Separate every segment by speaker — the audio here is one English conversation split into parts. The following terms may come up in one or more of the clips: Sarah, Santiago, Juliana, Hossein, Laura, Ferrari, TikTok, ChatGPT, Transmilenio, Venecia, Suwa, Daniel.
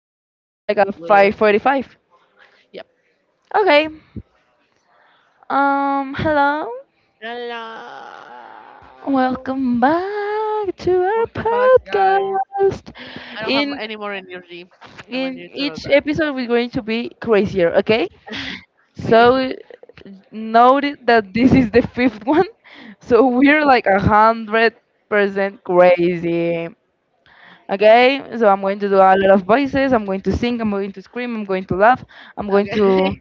Speaker 1: then another one like at
Speaker 2: exactly.
Speaker 1: 5:45.
Speaker 2: Yep.
Speaker 1: Okay. Hello.
Speaker 2: Hello.
Speaker 1: Welcome back to our
Speaker 2: Welcome back, guys.
Speaker 1: podcast.
Speaker 2: I don't have
Speaker 1: In
Speaker 2: any more energy. I want
Speaker 1: in
Speaker 2: you to know
Speaker 1: each
Speaker 2: that.
Speaker 1: episode, we're going to be crazier. Okay.
Speaker 2: Maybe.
Speaker 1: So note it that this is the fifth one, so we're like 100% crazy. Okay, so I'm going to do a lot of voices. I'm going to sing. I'm going to scream. I'm going to laugh. I'm going to
Speaker 2: Okay.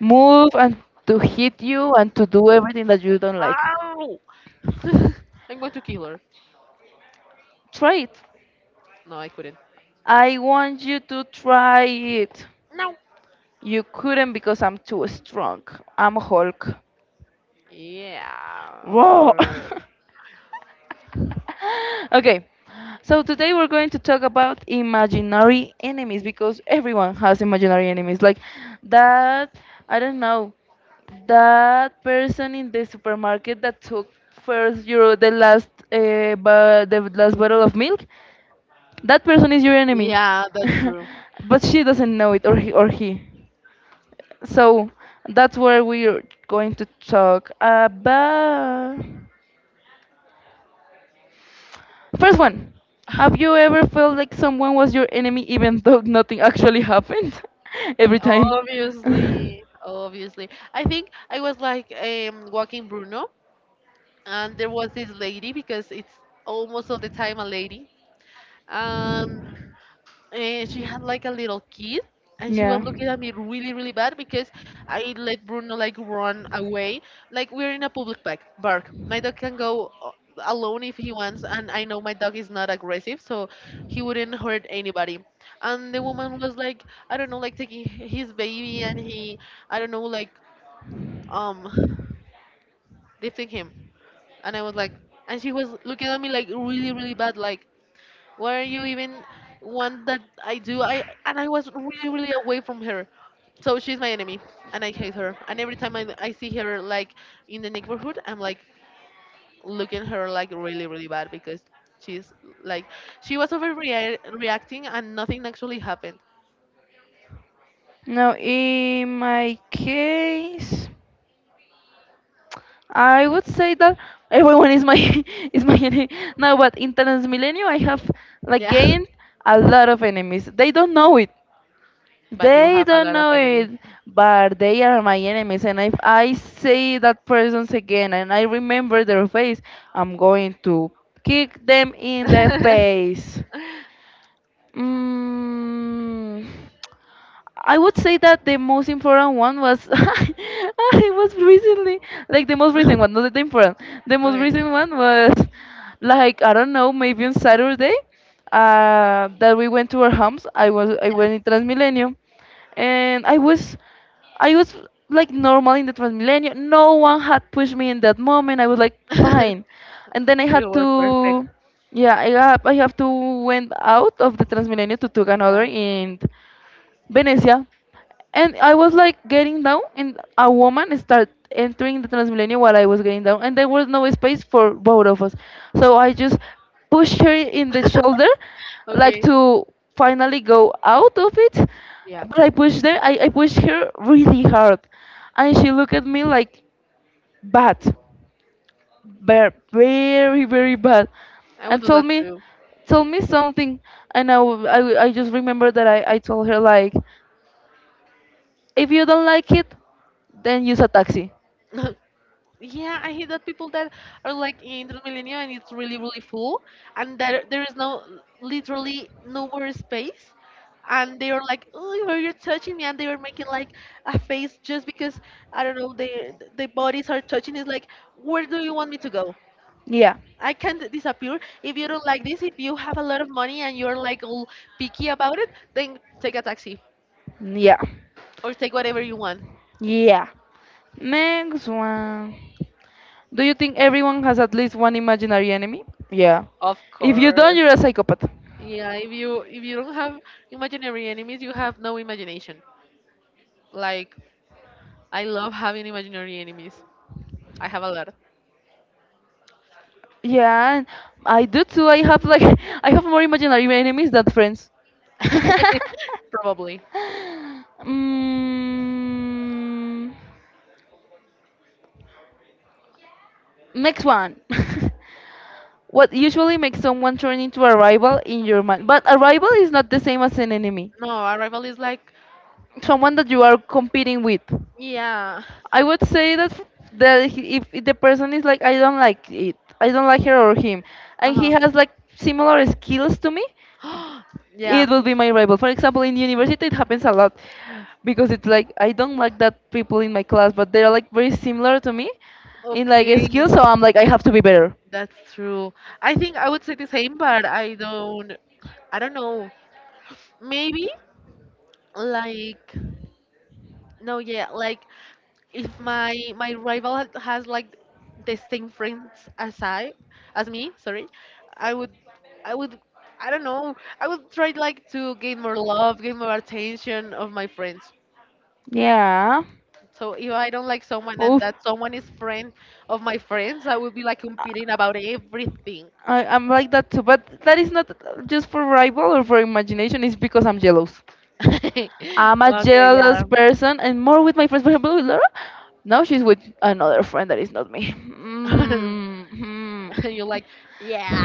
Speaker 1: move and to hit you and to do everything that you don't like.
Speaker 2: Ow! I'm going to kill her.
Speaker 1: Try it.
Speaker 2: No, I couldn't.
Speaker 1: I want you to try it.
Speaker 2: No.
Speaker 1: You couldn't because I'm too strong. I'm Hulk.
Speaker 2: Yeah, of
Speaker 1: Whoa.
Speaker 2: course.
Speaker 1: Okay, so today we're going to talk about imaginary enemies because everyone has imaginary enemies. Like that, I don't know, that person in the supermarket that took first your the last the last bottle of milk. That person is your enemy,
Speaker 2: Yeah, that's true.
Speaker 1: but she doesn't know it, or he. So that's where we're going to talk about. First one, have you ever felt like someone was your enemy even though nothing actually happened? Every time.
Speaker 2: Obviously, obviously. I think I was like walking Bruno, and there was this lady because it's almost all the time a lady. Um, and she had like a little kid, and she was
Speaker 1: yeah.
Speaker 2: looking at me really, really bad because I let Bruno like run away. Like we're in a public park. My dog can go alone if he wants, and I know my dog is not aggressive, so he wouldn't hurt anybody. And the woman was like, I don't know, like taking his baby, and he, I don't know, like um, lifting him. And I was like, and she was looking at me like really, really bad, like why are you even want that I do? I and I was really, really away from her. So she's my enemy and I hate her. And every time I see her like in the neighborhood, I'm like looking at her like really, really bad because she's like she was overreacting reacting and nothing actually happened.
Speaker 1: Now, in my case, I would say that everyone is my is my enemy. No, but in Transmilenio, I have like
Speaker 2: Yeah.
Speaker 1: gained a lot of enemies. They don't know it.
Speaker 2: But you
Speaker 1: They
Speaker 2: have a
Speaker 1: don't
Speaker 2: lot of
Speaker 1: know
Speaker 2: enemies.
Speaker 1: it, but they are my enemies. And if I see that persons again and I remember their face, I'm going to kick them in the face. Mm. I would say that the most important one was, I was recently, like the most recent one, not the important. The most
Speaker 2: okay.
Speaker 1: recent one was like, I don't know, maybe on Saturday that we went to our homes. I
Speaker 2: Yeah.
Speaker 1: went in Transmilenio, and I was like normal in the Transmilenio. No one had pushed me in that moment. I was like fine, and then I
Speaker 2: We
Speaker 1: had
Speaker 2: were perfect.
Speaker 1: to, yeah, I have to went out of the Transmilenio to took another
Speaker 2: Yeah.
Speaker 1: and Venecia. And I was like getting down, and a woman started entering the Transmilenio while I was getting down, and there was no space for both of us. So I just pushed her in the shoulder, like
Speaker 2: Okay.
Speaker 1: to finally go out of it.
Speaker 2: Yeah.
Speaker 1: But I pushed her, I pushed her really hard, and she looked at me like bad, very, very, very bad,
Speaker 2: I would
Speaker 1: and
Speaker 2: do that too.
Speaker 1: told me something, and I just remember that I told her like. If you don't like it, then use a taxi.
Speaker 2: Yeah, I hate that people that are like in Transmilenio and it's really, really full, and that there is no literally nowhere space, and they are like, "Oh, why you're touching me," and they were making like a face just because I don't know they the bodies are touching. It's like, where do you want me to go?
Speaker 1: Yeah,
Speaker 2: I can't disappear if you don't like this. If you have a lot of money and you're like all picky about it, then take a taxi
Speaker 1: yeah,
Speaker 2: or take whatever you want.
Speaker 1: yeah. Next one. Do you think everyone has at least one imaginary enemy? Yeah.
Speaker 2: Of
Speaker 1: If you don't,
Speaker 2: course.
Speaker 1: you're a psychopath.
Speaker 2: Yeah, if you don't have imaginary enemies, you have no imagination. Like I love having imaginary enemies. I have a lot.
Speaker 1: Yeah, and I do too. I have like I have more imaginary enemies than friends.
Speaker 2: Probably.
Speaker 1: mm, next one. What usually makes someone turn into a rival in your mind? But a rival is not the same as an enemy.
Speaker 2: No, Arrival is like
Speaker 1: Someone that you are competing with.
Speaker 2: yeah.
Speaker 1: I would say that if the person is like I don't like it, I don't like her or him, and he
Speaker 2: Uh-huh.
Speaker 1: has like similar skills to me,
Speaker 2: yeah.
Speaker 1: it will be my rival. For example, in university it happens a lot because it's like I don't like that people in my class, but they're like very similar to me in like
Speaker 2: Okay,
Speaker 1: skills, so I'm like I have to be better.
Speaker 2: that's true. I think I would say the same, but I don't know. Maybe like no, yeah, like if my rival has like the same friends as I as me, sorry, I would I would I don't know. I would try like to gain more love, gain more attention of my friends.
Speaker 1: Yeah.
Speaker 2: So if I don't like someone and
Speaker 1: Oof.
Speaker 2: that someone is friend of my friends, I would be like competing about everything.
Speaker 1: I'm like that too, but that is not just for rival or for imagination. It's because I'm jealous. I'm a
Speaker 2: okay,
Speaker 1: jealous
Speaker 2: yeah.
Speaker 1: person, and more with my friends. For example, with Laura, now she's with another friend that is not me. Mhm.
Speaker 2: And you're like, yeah,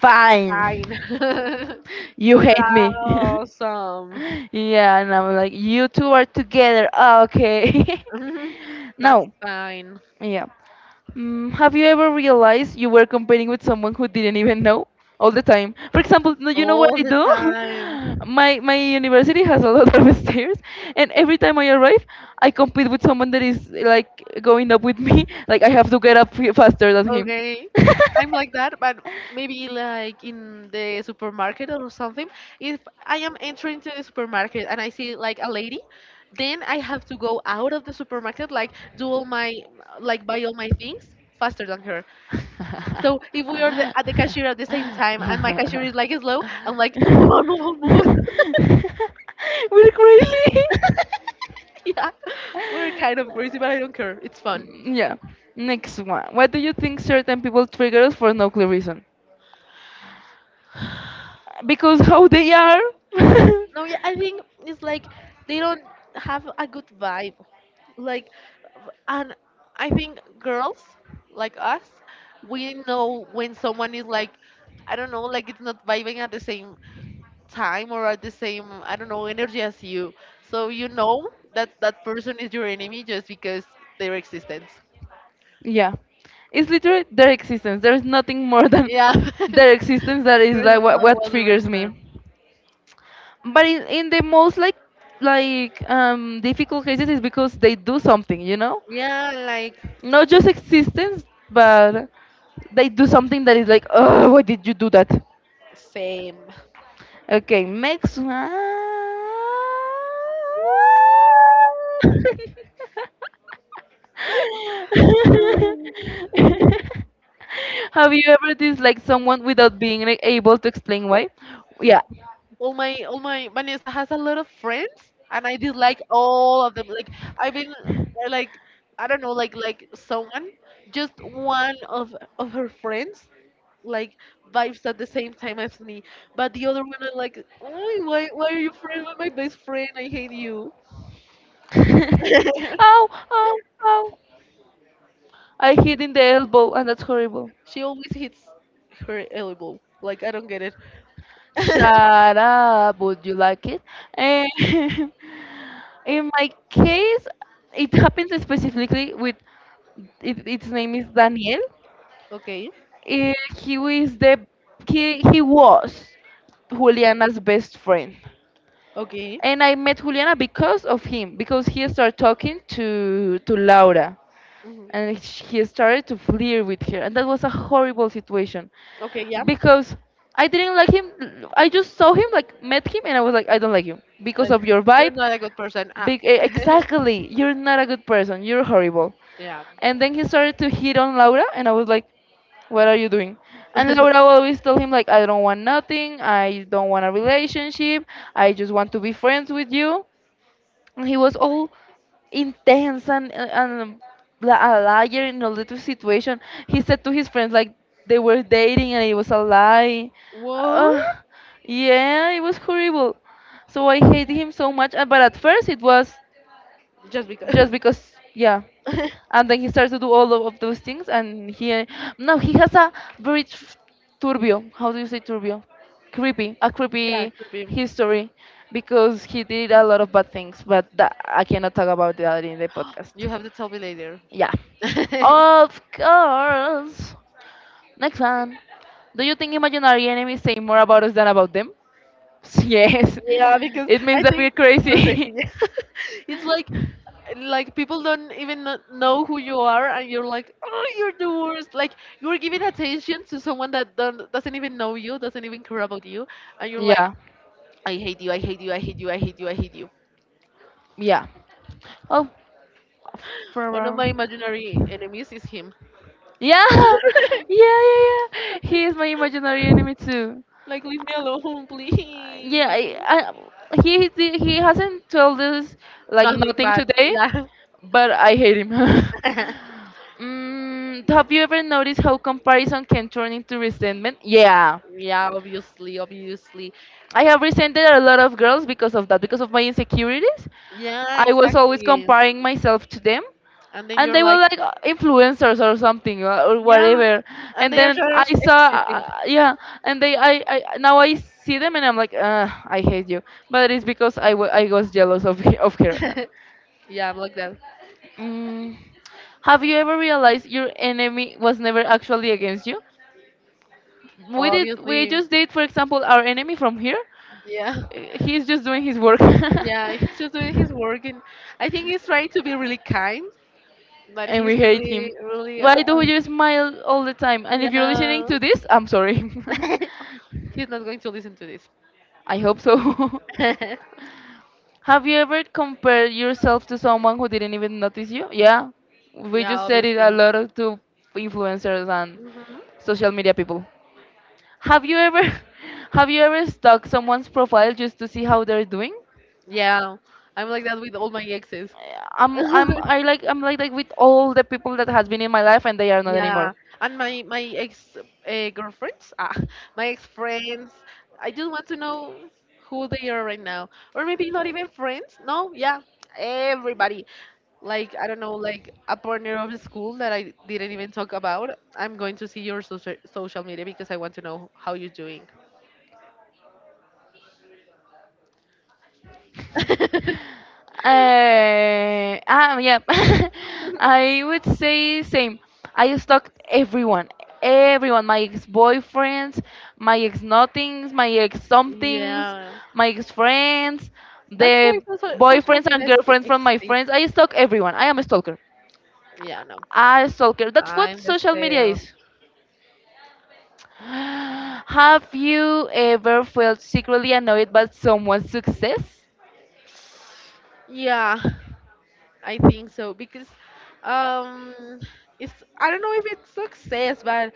Speaker 1: Fine,
Speaker 2: fine.
Speaker 1: you
Speaker 2: You're
Speaker 1: hate me.
Speaker 2: awesome.
Speaker 1: Yeah, and I'm like, you two are together. Okay.
Speaker 2: That's
Speaker 1: Now,
Speaker 2: fine.
Speaker 1: yeah. Mm, have you ever realized you were competing with someone who didn't even know? All the time. For example, no, you know what
Speaker 2: All
Speaker 1: I
Speaker 2: the
Speaker 1: do?
Speaker 2: time.
Speaker 1: My university has a lot of stairs, and every time I arrive, I compete with someone that is like going up with me. Like I have to get up faster than him.
Speaker 2: Okay, I'm like that, but maybe like in the supermarket or something. If I am entering to the supermarket and I see like a lady, then I have to go out of the supermarket, like do all my like buy all my things faster than her. So if we are the, at the cashier at the same time and my cashier is like slow, I'm like move on, move on, move on.
Speaker 1: We're crazy.
Speaker 2: yeah, we're kind of crazy, but I don't care. It's fun.
Speaker 1: Mm, yeah. Next one. Why do you think certain people trigger us for no clear reason? Because how they are.
Speaker 2: No, yeah, I think it's like they don't have a good vibe. Like, and I think girls like us, we know when someone is like, I don't know, like it's not vibing at the same time or at the same, I don't know, energy as you. So you know that that person is your enemy just because their existence.
Speaker 1: Yeah. It's literally their existence. There is nothing more than
Speaker 2: Yeah.
Speaker 1: their existence that is
Speaker 2: There's
Speaker 1: like
Speaker 2: no
Speaker 1: what
Speaker 2: other
Speaker 1: triggers
Speaker 2: reason.
Speaker 1: me. But in the most like like difficult cases is because they do something, you know?
Speaker 2: Yeah, like
Speaker 1: Not just existence, but they do something that is like, oh, why did you do that?
Speaker 2: same.
Speaker 1: Okay, next one. Have you ever disliked someone without being like, able to explain why? Yeah.
Speaker 2: All my my niece has a lot of friends, and I dislike all of them. Like I've been like I don't know like someone just one of her friends like vibes at the same time as me, but the other one I like, "Oy, why are you friends with my best friend? I hate you."
Speaker 1: Ow, ow, ow. I hit in the elbow and that's horrible.
Speaker 2: She always hits her elbow. Like I don't get it.
Speaker 1: Shut up. Would you like it? And in my case, it happens specifically with it, its name is Daniel.
Speaker 2: okay,
Speaker 1: He is the he was Juliana's best friend.
Speaker 2: okay.
Speaker 1: And I met Juliana because of him, because he started talking to Laura
Speaker 2: Hmm.
Speaker 1: and he started to flirt with her and that was a horrible situation
Speaker 2: Okay, yeah.
Speaker 1: because I didn't like him. I just saw him, like, met him, and I was like, I don't like you because
Speaker 2: Like
Speaker 1: of your
Speaker 2: you're
Speaker 1: vibe.
Speaker 2: not a good person. Ah.
Speaker 1: Big, exactly. You're not a good person. You're horrible.
Speaker 2: yeah.
Speaker 1: And then he started to hit on Laura, and I was like, "What are you doing?" And Laura always told him like, "I don't want nothing. I don't want a relationship. I just want to be friends with you." And he was all intense and a liar in a little situation. He said to his friends like they were dating and it was a lie.
Speaker 2: What?
Speaker 1: Uh, yeah, it was horrible. So I hated him so much. But at first it was
Speaker 2: Just
Speaker 1: just
Speaker 2: because.
Speaker 1: because, yeah, and then he starts to do all of those things and he, now he has a very turbio. How do you say turbio? Creepy. A
Speaker 2: yeah,
Speaker 1: creepy
Speaker 2: creepy.
Speaker 1: history because he did a lot of bad things, but that, I cannot talk about that in the podcast.
Speaker 2: You have to tell me later.
Speaker 1: Yeah, of course. Next one. Do you think imaginary enemies say more about us than about them? Yes,
Speaker 2: Yeah, because
Speaker 1: it
Speaker 2: it's
Speaker 1: means
Speaker 2: I
Speaker 1: that we're
Speaker 2: think like we're
Speaker 1: crazy.
Speaker 2: crazy. Yeah. It's like people don't even know who you are and you're like, "Oh, you're the worst." Like you're giving attention to someone that don't, doesn't even know you, doesn't even care about you, and you're like,
Speaker 1: Yeah,
Speaker 2: "I hate you. I hate you. I hate you. I hate you. I hate you."
Speaker 1: yeah. Oh,
Speaker 2: One of my
Speaker 1: Ferrari.
Speaker 2: imaginary enemies is him. yeah,
Speaker 1: Yeah, yeah, yeah, yeah. He is my imaginary enemy too.
Speaker 2: like, leave me alone, please.
Speaker 1: Yeah,
Speaker 2: Like
Speaker 1: he hasn't told us like
Speaker 2: nothing
Speaker 1: nothing
Speaker 2: bad.
Speaker 1: today, but I hate him.
Speaker 2: Yeah.
Speaker 1: Mm, have you ever noticed how comparison can turn into resentment? Yeah,
Speaker 2: Yeah, obviously, obviously.
Speaker 1: I have resented a lot of girls because of that, because of my insecurities.
Speaker 2: Yeah,
Speaker 1: I was always
Speaker 2: exactly.
Speaker 1: comparing myself to them
Speaker 2: And then
Speaker 1: and
Speaker 2: you're
Speaker 1: they were
Speaker 2: like,
Speaker 1: like influencers or something or
Speaker 2: yeah,
Speaker 1: whatever
Speaker 2: and
Speaker 1: and
Speaker 2: they are
Speaker 1: then I
Speaker 2: just
Speaker 1: saw,
Speaker 2: existing.
Speaker 1: yeah, and they I now I see them and I'm like, I hate you, but it's because I was jealous of, of her.
Speaker 2: yeah, I'm like that.
Speaker 1: Mm. Have you ever realized your enemy was never actually against you? We did, we
Speaker 2: Obviously,
Speaker 1: just did, for example, our enemy from here.
Speaker 2: yeah,
Speaker 1: He's just doing his work.
Speaker 2: yeah, he's just doing his work, and I think he's trying to be really kind, but
Speaker 1: And we
Speaker 2: he's
Speaker 1: hate
Speaker 2: really,
Speaker 1: him.
Speaker 2: really,
Speaker 1: Why do you smile all the time? And if you're listening
Speaker 2: yeah,
Speaker 1: to this, I'm sorry.
Speaker 2: he's not going to listen to this.
Speaker 1: I hope so. Have you ever compared yourself to someone who didn't even notice you? Yeah, we
Speaker 2: yeah,
Speaker 1: just said it
Speaker 2: obviously.
Speaker 1: a lot of- to influencers and
Speaker 2: Hmm.
Speaker 1: social media people. Have you ever, have you ever stalked someone's profile just to see how they're doing?
Speaker 2: Yeah, I'm like that with all my exes.
Speaker 1: I'm like that with all the people that has been in my life and they are not
Speaker 2: Yeah,
Speaker 1: anymore.
Speaker 2: and my ex girlfriends, ah, my ex friends, I just want to know who they are right now, or maybe not even friends. No, yeah, everybody. Like I don't know, like a partner of the school that I didn't even talk about. I'm going to see your social media because I want to know how you're doing.
Speaker 1: Yeah. I would say same. I stalked everyone, everyone. My ex-boyfriends, my ex-nothings, my ex-somethings,
Speaker 2: Yeah,
Speaker 1: my ex-friends,
Speaker 2: that's why
Speaker 1: the
Speaker 2: social
Speaker 1: boyfriends and
Speaker 2: media is
Speaker 1: girlfriends from my
Speaker 2: is
Speaker 1: friends. I stalk everyone. I am a stalker.
Speaker 2: Yeah, no,
Speaker 1: I stalker. That's what
Speaker 2: I'm the
Speaker 1: social media
Speaker 2: same.
Speaker 1: is. Have you ever felt secretly annoyed by someone's success?
Speaker 2: Yeah, I think so because um it's I don't know if it's success, but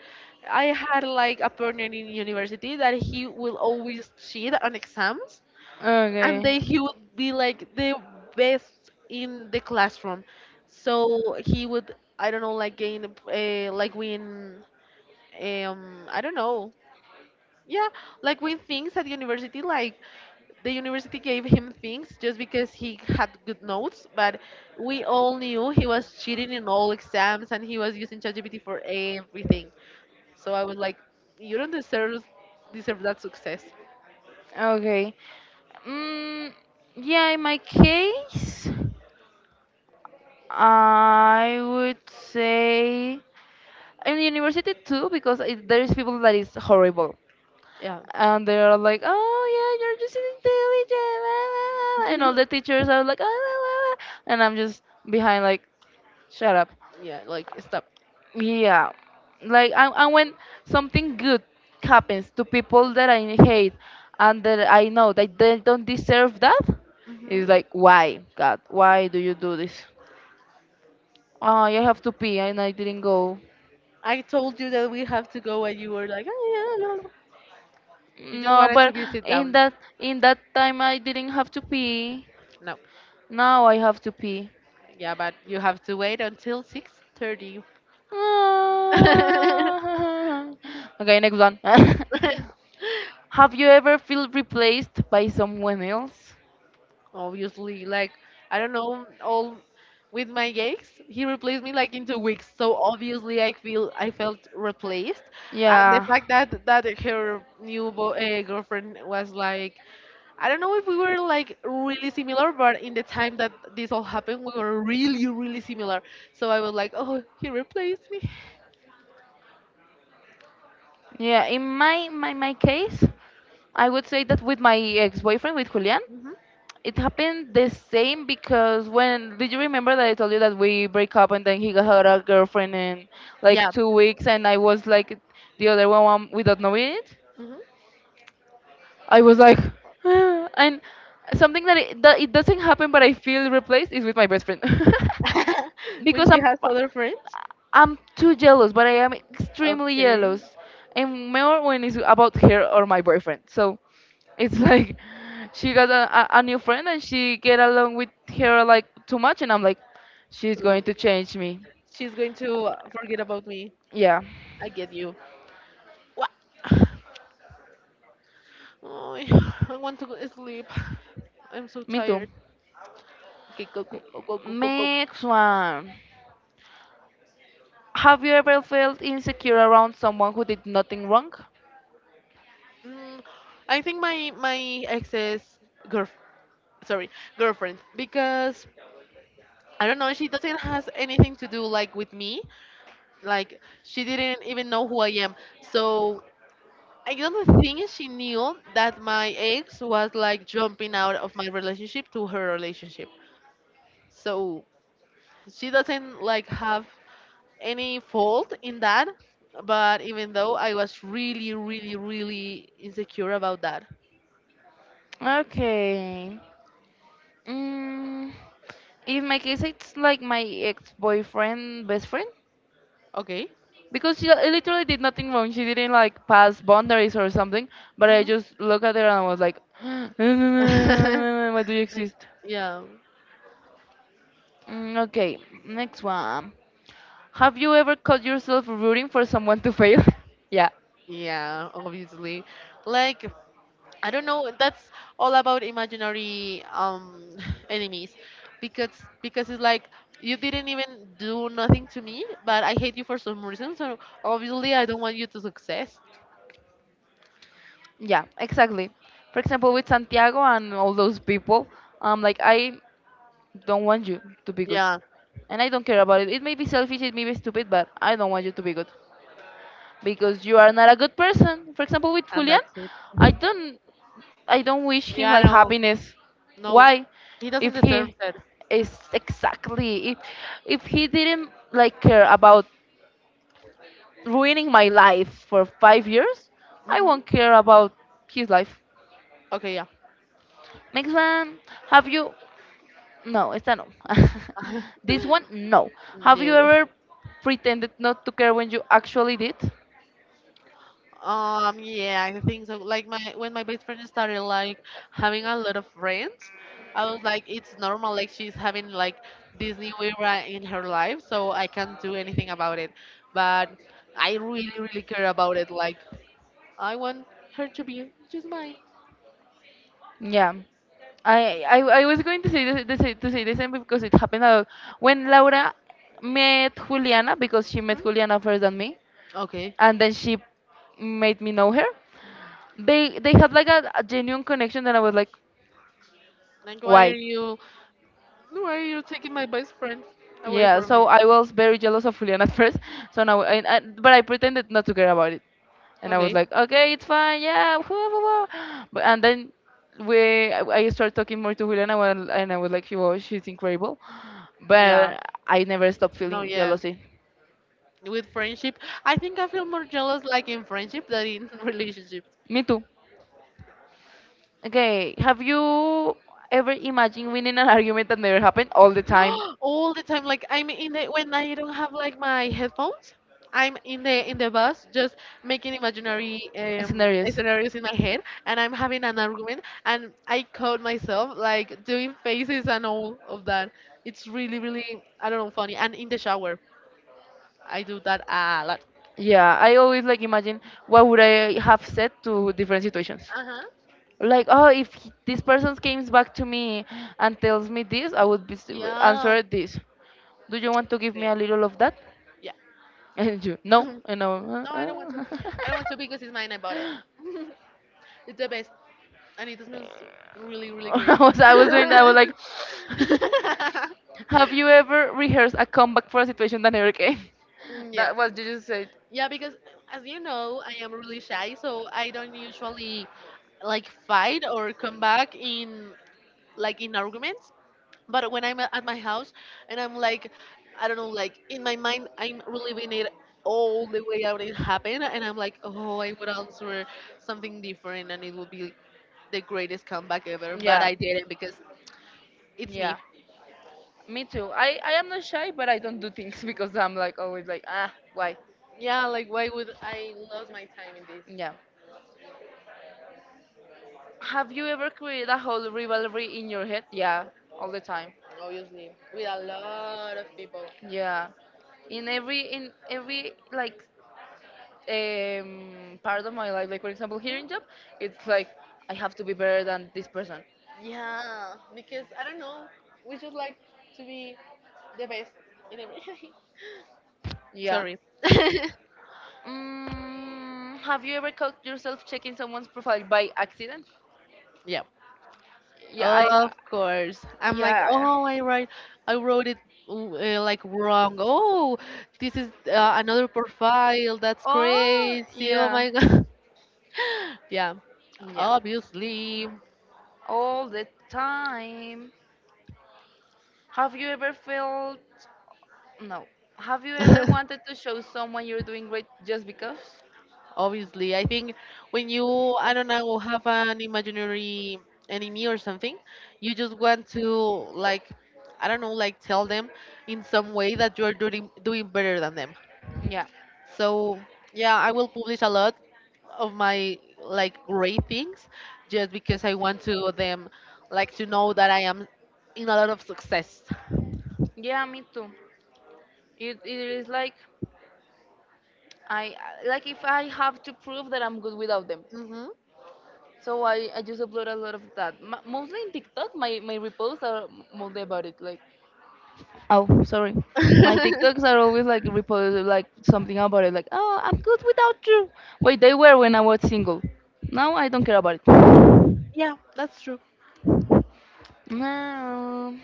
Speaker 2: I had like a partner in university that he will always cheat on exams and then
Speaker 1: Okay.
Speaker 2: he would be like the best in the classroom. So he would I don't know like gain like win I don't know. Yeah, like win things at university like the university gave him things just because he had good notes, but we all knew he was cheating in all exams and he was using ChatGPT for everything. So I was like, you don't deserve that success.
Speaker 1: Okay. Mm, yeah, in my case, I would say in university too, because it, there is people that is horrible,
Speaker 2: Yeah,
Speaker 1: and they are like, "Oh yeah, you're just intelligent, la, la, la," la," and all the teachers are like, "Ah, la, la, la," and I'm just behind like, shut up.
Speaker 2: yeah, like stop.
Speaker 1: Yeah, like and when something good happens to people that I hate and that I know that they don't deserve that,
Speaker 2: Hmm.
Speaker 1: it's like why God, why do you do this? Oh, I have to pee and I didn't go.
Speaker 2: I told you that we have to go, and you were like, "Oh, yeah, yeah." You just
Speaker 1: No,
Speaker 2: wanted to
Speaker 1: but
Speaker 2: be sit
Speaker 1: in
Speaker 2: down.
Speaker 1: that in that time I didn't have to pee.
Speaker 2: No,
Speaker 1: Now I have to pee.
Speaker 2: yeah, but you have to wait until 6:30.
Speaker 1: Ah. Okay, next one. Have you ever felt replaced by someone else?
Speaker 2: obviously like I don't know all with my ex he replaced me like in 2 weeks so obviously I feel I felt replaced, and the
Speaker 1: Yeah.
Speaker 2: fact that that her new girlfriend was like I don't know if we were like really similar but in the time that this all happened we were really really similar so I was like oh he replaced me.
Speaker 1: Yeah, in my case, I would say that with my ex-boyfriend, with Julian,
Speaker 2: Hmm.
Speaker 1: it happened the same because when did you remember that I told you that we break up and then he got had a girlfriend in like
Speaker 2: Yeah.
Speaker 1: 2 weeks and I was like the other one without knowing it?
Speaker 2: Hmm.
Speaker 1: I was like, "Ah," and something that it doesn't happen, but I feel replaced is with my best friend
Speaker 2: When
Speaker 1: because
Speaker 2: she
Speaker 1: I'm
Speaker 2: has other friends?
Speaker 1: I'm too jealous, but I am extremely
Speaker 2: Okay.
Speaker 1: jealous, and more when it's about her or my boyfriend. So it's like she got a new friend and she get along with her like too much, and I'm like, she's
Speaker 2: So
Speaker 1: going to change me.
Speaker 2: she's going to forget about me.
Speaker 1: Yeah,
Speaker 2: I get you. What? Oh, I want to go sleep. I'm so
Speaker 1: me too.
Speaker 2: tired. Okay, go, go, go, go, go, go, go.
Speaker 1: Next one. Have you ever felt insecure around someone who did nothing wrong?
Speaker 2: Mm, I think my ex's girl, sorry, girlfriend, because I don't know, she doesn't has anything to do like with me. Like she didn't even know who I am. So I don't think she knew that my ex was like jumping out of my relationship to her relationship. So she doesn't like have any fault in that. But even though I was really, really, really insecure about that.
Speaker 1: Okay. Mm, in my case, it's like my ex-boyfriend, best friend,
Speaker 2: Okay.
Speaker 1: because she literally did nothing wrong. She didn't like pass boundaries or something. But I
Speaker 2: Mhm.
Speaker 1: just look at her and I was like, no, no, no, no, no, no, no, "Why do you exist?"
Speaker 2: yeah.
Speaker 1: Okay, next one. Have you ever caught yourself rooting for someone to fail? yeah,
Speaker 2: Yeah, obviously. Like I don't know. That's all about imaginary enemies, because because it's like you didn't even do nothing to me, but I hate you for some reason. So obviously, I don't want you to success.
Speaker 1: yeah, exactly. For example, with Santiago and all those people, I'm like, I don't want you to be good.
Speaker 2: Yeah,
Speaker 1: And I don't care about it. It may be selfish, it may be stupid, but I don't want you to be good because you are not a good person. For example, with
Speaker 2: and
Speaker 1: Julian,
Speaker 2: that's it.
Speaker 1: I don't, I don't wish him
Speaker 2: Yeah,
Speaker 1: like
Speaker 2: no,
Speaker 1: happiness.
Speaker 2: no,
Speaker 1: Why?
Speaker 2: he doesn't
Speaker 1: If
Speaker 2: deserve
Speaker 1: he
Speaker 2: that.
Speaker 1: is exactly, if he didn't like care about ruining my life for 5 years, I
Speaker 2: Hmm.
Speaker 1: won't care about his life.
Speaker 2: Okay, yeah.
Speaker 1: Next one, have you? No, esta no. This one, no. Have
Speaker 2: no.
Speaker 1: you ever pretended not to care when you actually did?
Speaker 2: Yeah, I think so. Like my when my best friend started like having a lot of friends, I was like, it's normal. Like she's having like this new era in her life, so I can't do anything about it. But I really, really care about it. Like I want her to be just mine.
Speaker 1: Yeah. I was going to say this to say the same because it happened a lot. When Laura met Juliana because she met Juliana first than me,
Speaker 2: Okay.
Speaker 1: and then she made me know her. They had like a genuine connection, and I was like,
Speaker 2: Like
Speaker 1: why?
Speaker 2: why are you taking my best friend away
Speaker 1: Yeah.
Speaker 2: from me?
Speaker 1: So I was very jealous of Juliana at first. So now, but I pretended not to care about it. And I was
Speaker 2: Okay.
Speaker 1: like, okay, it's fine, yeah, whoo, whoo, whoo." But and then I started talking more to Juliana, and I was like, she's incredible,
Speaker 2: Yeah.
Speaker 1: but I never stopped feeling
Speaker 2: No. Yeah.
Speaker 1: jealousy.
Speaker 2: With friendship. I think I feel more jealous like in friendship than in relationships.
Speaker 1: Me too. Okay, have you ever imagined winning an argument that never happened all the time?
Speaker 2: All the time, like I'm in the when I don't have like my headphones, I'm in the bus just making imaginary
Speaker 1: Scenarios.
Speaker 2: scenarios in my head, and I'm having an argument, and I caught myself like doing faces and all of that. It's really really I don't know funny. And in the shower, I do that a lot.
Speaker 1: Yeah, I always like imagine what would I have said to different situations.
Speaker 2: Uh huh.
Speaker 1: Like, oh, if he- this person comes back to me and tells me this, I would
Speaker 2: Yeah.
Speaker 1: answer this. Do you want to give me
Speaker 2: Same.
Speaker 1: a little of that?
Speaker 2: Yeah.
Speaker 1: And you, no, and I,
Speaker 2: No, I don't want to.
Speaker 1: no.
Speaker 2: I don't want to because it's mine. I bought it. It's the best, and it smells really, really great.
Speaker 1: I was I was doing that. I was like, have you ever rehearsed a comeback for a situation that never came?
Speaker 2: Mm, yeah,
Speaker 1: That was you just said.
Speaker 2: yeah. Because as you know, I am really shy, so I don't usually like fight or come back in like in arguments. But when I'm at my house and I'm like, I don't know, like in my mind, I'm reliving it all the way out it happened, and I'm like, oh, I would answer something different, and it would be the greatest comeback ever, but
Speaker 1: Yeah.
Speaker 2: I didn't because it's me.
Speaker 1: Yeah. Me too. I am not shy, but I don't do things because I'm like always like, ah, why?
Speaker 2: Yeah, like why would I lose my time in this?
Speaker 1: Yeah. Have you ever created a whole rivalry in your head? Yeah, all the time.
Speaker 2: Obviously, with a lot of people.
Speaker 1: Yeah. In every like part of my life, like for example here in job, it's like I have to be better than this person.
Speaker 2: Yeah, because I don't know. We just like to be the best in everything. Yeah.
Speaker 1: Yeah.
Speaker 2: Sorry.
Speaker 1: Have you ever caught yourself checking someone's profile by accident?
Speaker 2: yeah.
Speaker 1: Yeah,
Speaker 2: Of course. I'm like,
Speaker 1: yeah.
Speaker 2: oh, I write, I wrote it like wrong. Oh, this is another profile. That's
Speaker 1: Oh,
Speaker 2: crazy. Oh
Speaker 1: yeah.
Speaker 2: my god. yeah.
Speaker 1: Yeah.
Speaker 2: Obviously.
Speaker 1: All the time. Have you ever felt. No. Have you ever wanted to show someone you're doing great just because?
Speaker 2: Obviously, I think when you, I don't know, have an imaginary enemy or something, you just want to like, I don't know, like tell them in some way that you're doing better than them.
Speaker 1: Yeah.
Speaker 2: So yeah, I will publish a lot of my like great things just because I want to them like to know that I am in a lot of success.
Speaker 1: Yeah, me too. It is like. I like if I have to prove that I'm good without them.
Speaker 2: Hmm.
Speaker 1: So I just upload a lot of that. Mostly in TikTok, my reposts are mostly about it. Like, oh, sorry. My TikToks are always like reposted like something about it, like, oh, I'm good without you. Wait, they were when I was single. Now I don't care about it.
Speaker 2: yeah, that's true.
Speaker 1: No.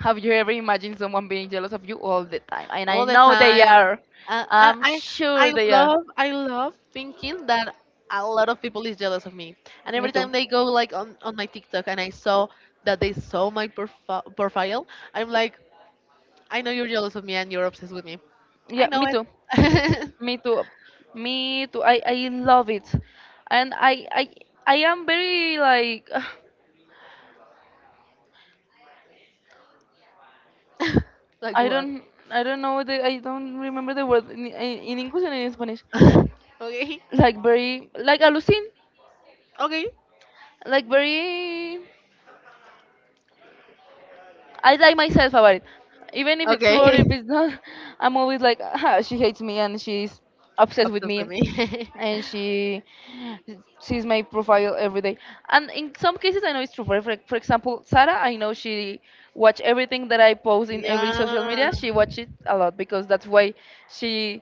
Speaker 1: Have you ever imagined someone being jealous of you all the time? And I
Speaker 2: All the
Speaker 1: know they
Speaker 2: time.
Speaker 1: are.
Speaker 2: Uh, I,
Speaker 1: I'm
Speaker 2: I
Speaker 1: sure
Speaker 2: I
Speaker 1: they are.
Speaker 2: love thinking that a lot of people is jealous of me, and
Speaker 1: Me
Speaker 2: every
Speaker 1: too.
Speaker 2: time they go like on my TikTok and I saw that they saw my profile, I'm like, I know you're jealous of me and you're obsessed with me. I
Speaker 1: Yeah,
Speaker 2: know
Speaker 1: me
Speaker 2: it.
Speaker 1: too. Me too. Me too. I love it. And I am very like
Speaker 2: like
Speaker 1: I
Speaker 2: what?
Speaker 1: don't I don't know the I don't remember the word in English and in Spanish.
Speaker 2: okay,
Speaker 1: Like very like alucin.
Speaker 2: okay,
Speaker 1: Like very I like myself about it. Even if it's true or
Speaker 2: okay.
Speaker 1: if it's not, I'm always like, ah, she hates me and she's obsessed with
Speaker 2: Obsessed with
Speaker 1: me
Speaker 2: me.
Speaker 1: and she sees my profile every day. And in some cases, I know it's true. For example, Sarah, I know she watch everything that I post in every
Speaker 2: yeah.
Speaker 1: social media. She watch it a lot because that's why she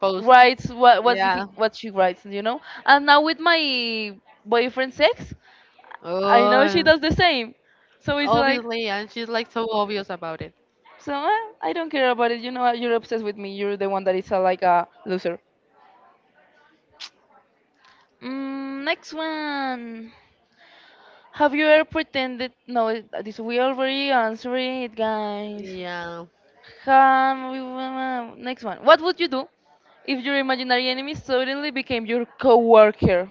Speaker 2: Post.
Speaker 1: writes
Speaker 2: Yeah.
Speaker 1: what she writes, you know. And now with my boyfriend, sex, I know she
Speaker 2: Oh,
Speaker 1: does the same. So it's like.
Speaker 2: obviously, and she's like so obvious about it.
Speaker 1: So I don't care about it. You know, what, you're obsessed with me. You're the one that is like a loser. Next one. Have you ever pretended? No, it- this we already answering it, guys.
Speaker 2: Yeah.
Speaker 1: Next one. What would you do if your imaginary enemy suddenly became your coworker?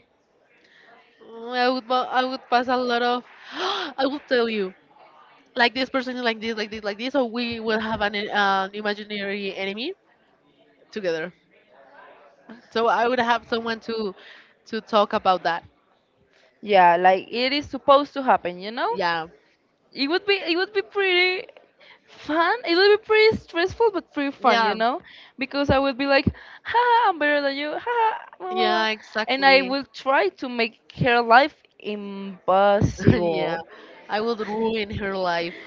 Speaker 2: Mm, I would pass a lot of I would tell you like this person is like this like this like this so we will have an an imaginary enemy together. So I would have someone to talk about that.
Speaker 1: Yeah, like it is supposed to happen. You know,
Speaker 2: Yeah.
Speaker 1: it would be pretty fun. It will be pretty stressful, but pretty fun, you
Speaker 2: Yeah.
Speaker 1: know, because I would be like, "Ha, I'm better than you." Ha, blah, blah, blah.
Speaker 2: Yeah,
Speaker 1: And I
Speaker 2: exactly.
Speaker 1: will try to make her life
Speaker 2: yeah,
Speaker 1: impossible.
Speaker 2: I would ruin her life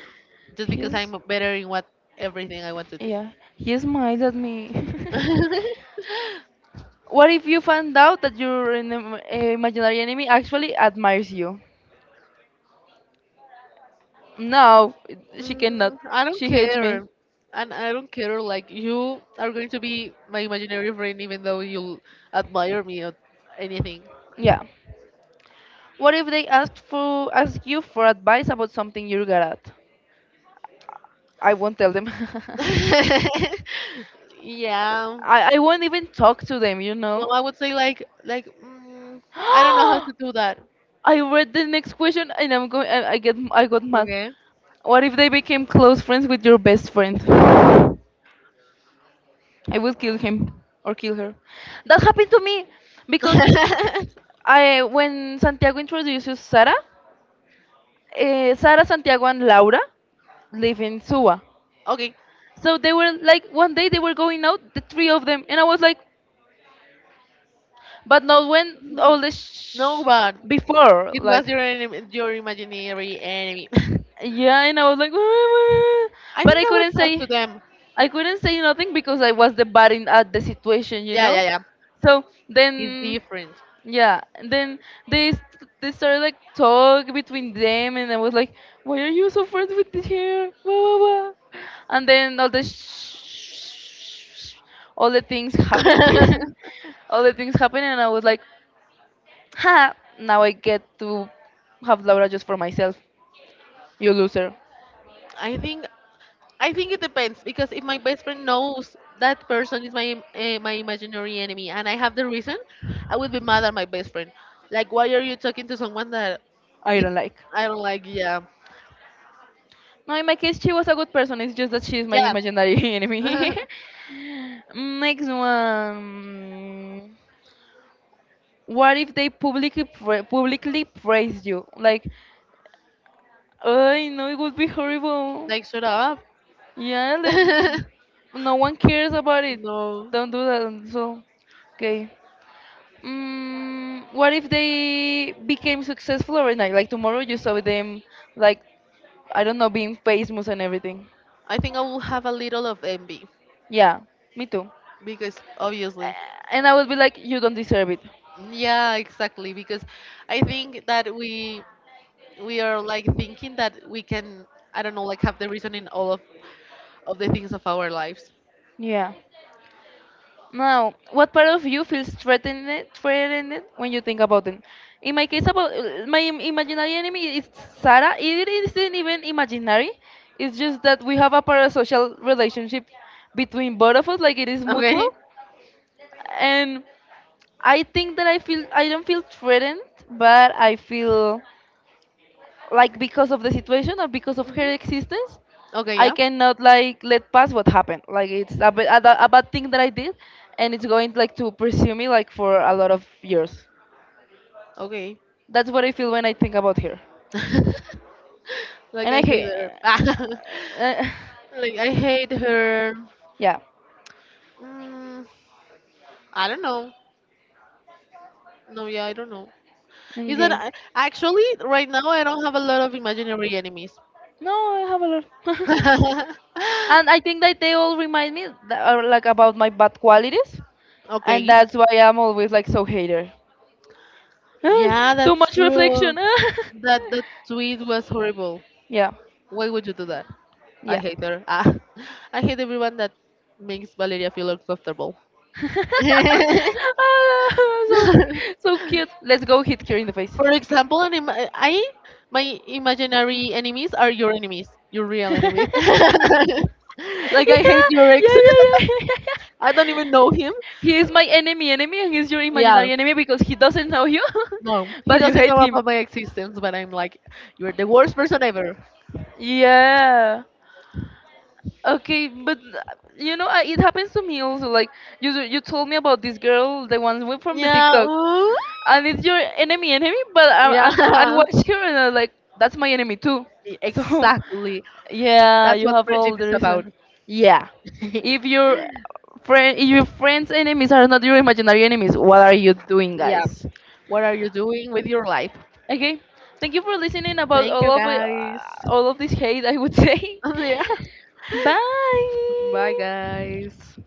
Speaker 2: just because
Speaker 1: He's
Speaker 2: I'm better in what everything I want to do.
Speaker 1: yeah, he's mad at me. What if you find out that your imaginary enemy actually admires you? No, she cannot.
Speaker 2: Mm, I don't
Speaker 1: She hates me.
Speaker 2: care. And I don't care, like, you are going to be my imaginary friend even though you'll admire me or anything.
Speaker 1: Yeah. What if they ask you for advice about something you're good at? I won't tell them.
Speaker 2: yeah.
Speaker 1: I won't even talk to them, you
Speaker 2: No,
Speaker 1: know?
Speaker 2: I would say, like, mm, I don't know how to do that.
Speaker 1: I read the next question and I'm going. I get. I got mad.
Speaker 2: Okay.
Speaker 1: What if they became close friends with your best friend? I would kill him or kill her. That happened to me because I when Santiago introduces Sara, Sara, Santiago, and Laura live in Suwa.
Speaker 2: okay.
Speaker 1: So they were like one day they were going out, the three of them, and I was like, but not when all
Speaker 2: No, but
Speaker 1: before
Speaker 2: it
Speaker 1: like.
Speaker 2: was your enemy, your imaginary enemy.
Speaker 1: Yeah, and I was like, "Ah,"
Speaker 2: I
Speaker 1: but
Speaker 2: think I would talk to them.
Speaker 1: I couldn't say nothing because I was the bad in at the situation, you
Speaker 2: Yeah,
Speaker 1: know.
Speaker 2: yeah, yeah.
Speaker 1: So
Speaker 2: He's
Speaker 1: then,
Speaker 2: different.
Speaker 1: yeah, then they s- they started like talk between them, and I was like, why are you so friends with this hair? Blah, blah, blah. And then all all the things happened,
Speaker 2: I
Speaker 1: all the things happened, and I was like, ha, now I get to have Laura just for myself. You loser.
Speaker 2: think I think it depends because if my best friend knows that person is my my imaginary enemy and I have the reason, I would be mad at my best friend. Like, why are you talking to someone that
Speaker 1: I
Speaker 2: it
Speaker 1: don't like.
Speaker 2: I don't like? Yeah,
Speaker 1: No, in my case, she was a good person. It's just that she's my
Speaker 2: yeah.
Speaker 1: imaginary enemy. Next one. What if they publicly praise you? Like, I know it would be horrible.
Speaker 2: like, shut up.
Speaker 1: Yeah, like, no one cares about it.
Speaker 2: no,
Speaker 1: Don't do that. So, okay. What if they became successful overnight? Like tomorrow, you saw them, like I don't know, being famous and everything.
Speaker 2: I think I will have a little of envy.
Speaker 1: Yeah, me too.
Speaker 2: Because obviously,
Speaker 1: And I would be like, you don't deserve it.
Speaker 2: yeah, exactly, because I think that we are like thinking that we can, I don't know, like have the reason in all of the things of our lives.
Speaker 1: Yeah. Now, what part of you feels threatened when you think about them? In my case, about my imaginary enemy is Sarah. It isn't even imaginary. It's just that we have a parasocial relationship between both of us, like it is mutual.
Speaker 2: Okay.
Speaker 1: And I think that I don't feel threatened, but I feel like because of the situation or because of her
Speaker 2: Mhm.
Speaker 1: existence,
Speaker 2: Okay,
Speaker 1: I
Speaker 2: yeah.
Speaker 1: cannot like let pass what happened. Like it's a, bit, a, ba- a bad thing that I did, and it's going like to pursue me like for a lot of years.
Speaker 2: Okay.
Speaker 1: That's what I feel when I think about her.
Speaker 2: like
Speaker 1: And I
Speaker 2: I hate
Speaker 1: hate
Speaker 2: her.
Speaker 1: uh,
Speaker 2: like I hate her.
Speaker 1: yeah,
Speaker 2: Mm, I don't know. No, yeah, I don't know. Is that
Speaker 1: okay.
Speaker 2: I- actually right now I don't have a lot of imaginary enemies.
Speaker 1: No, I have a lot. And I think that they all remind me like about my bad qualities, and
Speaker 2: okay.
Speaker 1: that's why I'm always like so hater.
Speaker 2: Yeah,
Speaker 1: Too
Speaker 2: that's
Speaker 1: much
Speaker 2: true.
Speaker 1: reflection.
Speaker 2: That the tweet was horrible.
Speaker 1: Yeah.
Speaker 2: Why would you do that? I
Speaker 1: Yeah.
Speaker 2: hate her. Ah, I hate everyone that makes Valeria feel uncomfortable.
Speaker 1: Ah, so
Speaker 2: For
Speaker 1: so cute. Let's go hit her in the face.
Speaker 2: example, I my imaginary enemies are your enemies, your real enemies.
Speaker 1: Yeah,
Speaker 2: like
Speaker 1: yeah,
Speaker 2: I hate your
Speaker 1: yeah,
Speaker 2: ex.
Speaker 1: yeah, yeah, yeah.
Speaker 2: I don't even know him.
Speaker 1: He is my enemy, enemy, and he's your
Speaker 2: Yeah.
Speaker 1: imaginary enemy because he doesn't know you,
Speaker 2: No, he
Speaker 1: but you
Speaker 2: doesn't
Speaker 1: hate
Speaker 2: know
Speaker 1: him.
Speaker 2: about my existence, but I'm like, you're the worst person ever.
Speaker 1: Yeah. Okay, but you know, I, it happens to me also. Like you told me about this girl, the one from the
Speaker 2: Yeah.
Speaker 1: TikTok,
Speaker 2: Ooh.
Speaker 1: and it's your enemy, enemy. But I
Speaker 2: Yeah.
Speaker 1: watch her and I'm like, that's my enemy too. So,
Speaker 2: Exactly.
Speaker 1: yeah,
Speaker 2: That's
Speaker 1: you
Speaker 2: what
Speaker 1: have all
Speaker 2: friendship
Speaker 1: the
Speaker 2: is about.
Speaker 1: reason. Yeah, if your if your friends' enemies are not your imaginary enemies, what are you doing,
Speaker 2: yeah.
Speaker 1: guys?
Speaker 2: What are you doing with your life?
Speaker 1: Okay, thank you for listening about
Speaker 2: Thank
Speaker 1: all
Speaker 2: you,
Speaker 1: of it,
Speaker 2: guys.
Speaker 1: all of this hate. I would say,
Speaker 2: yeah. Bye,
Speaker 1: bye.
Speaker 2: guys.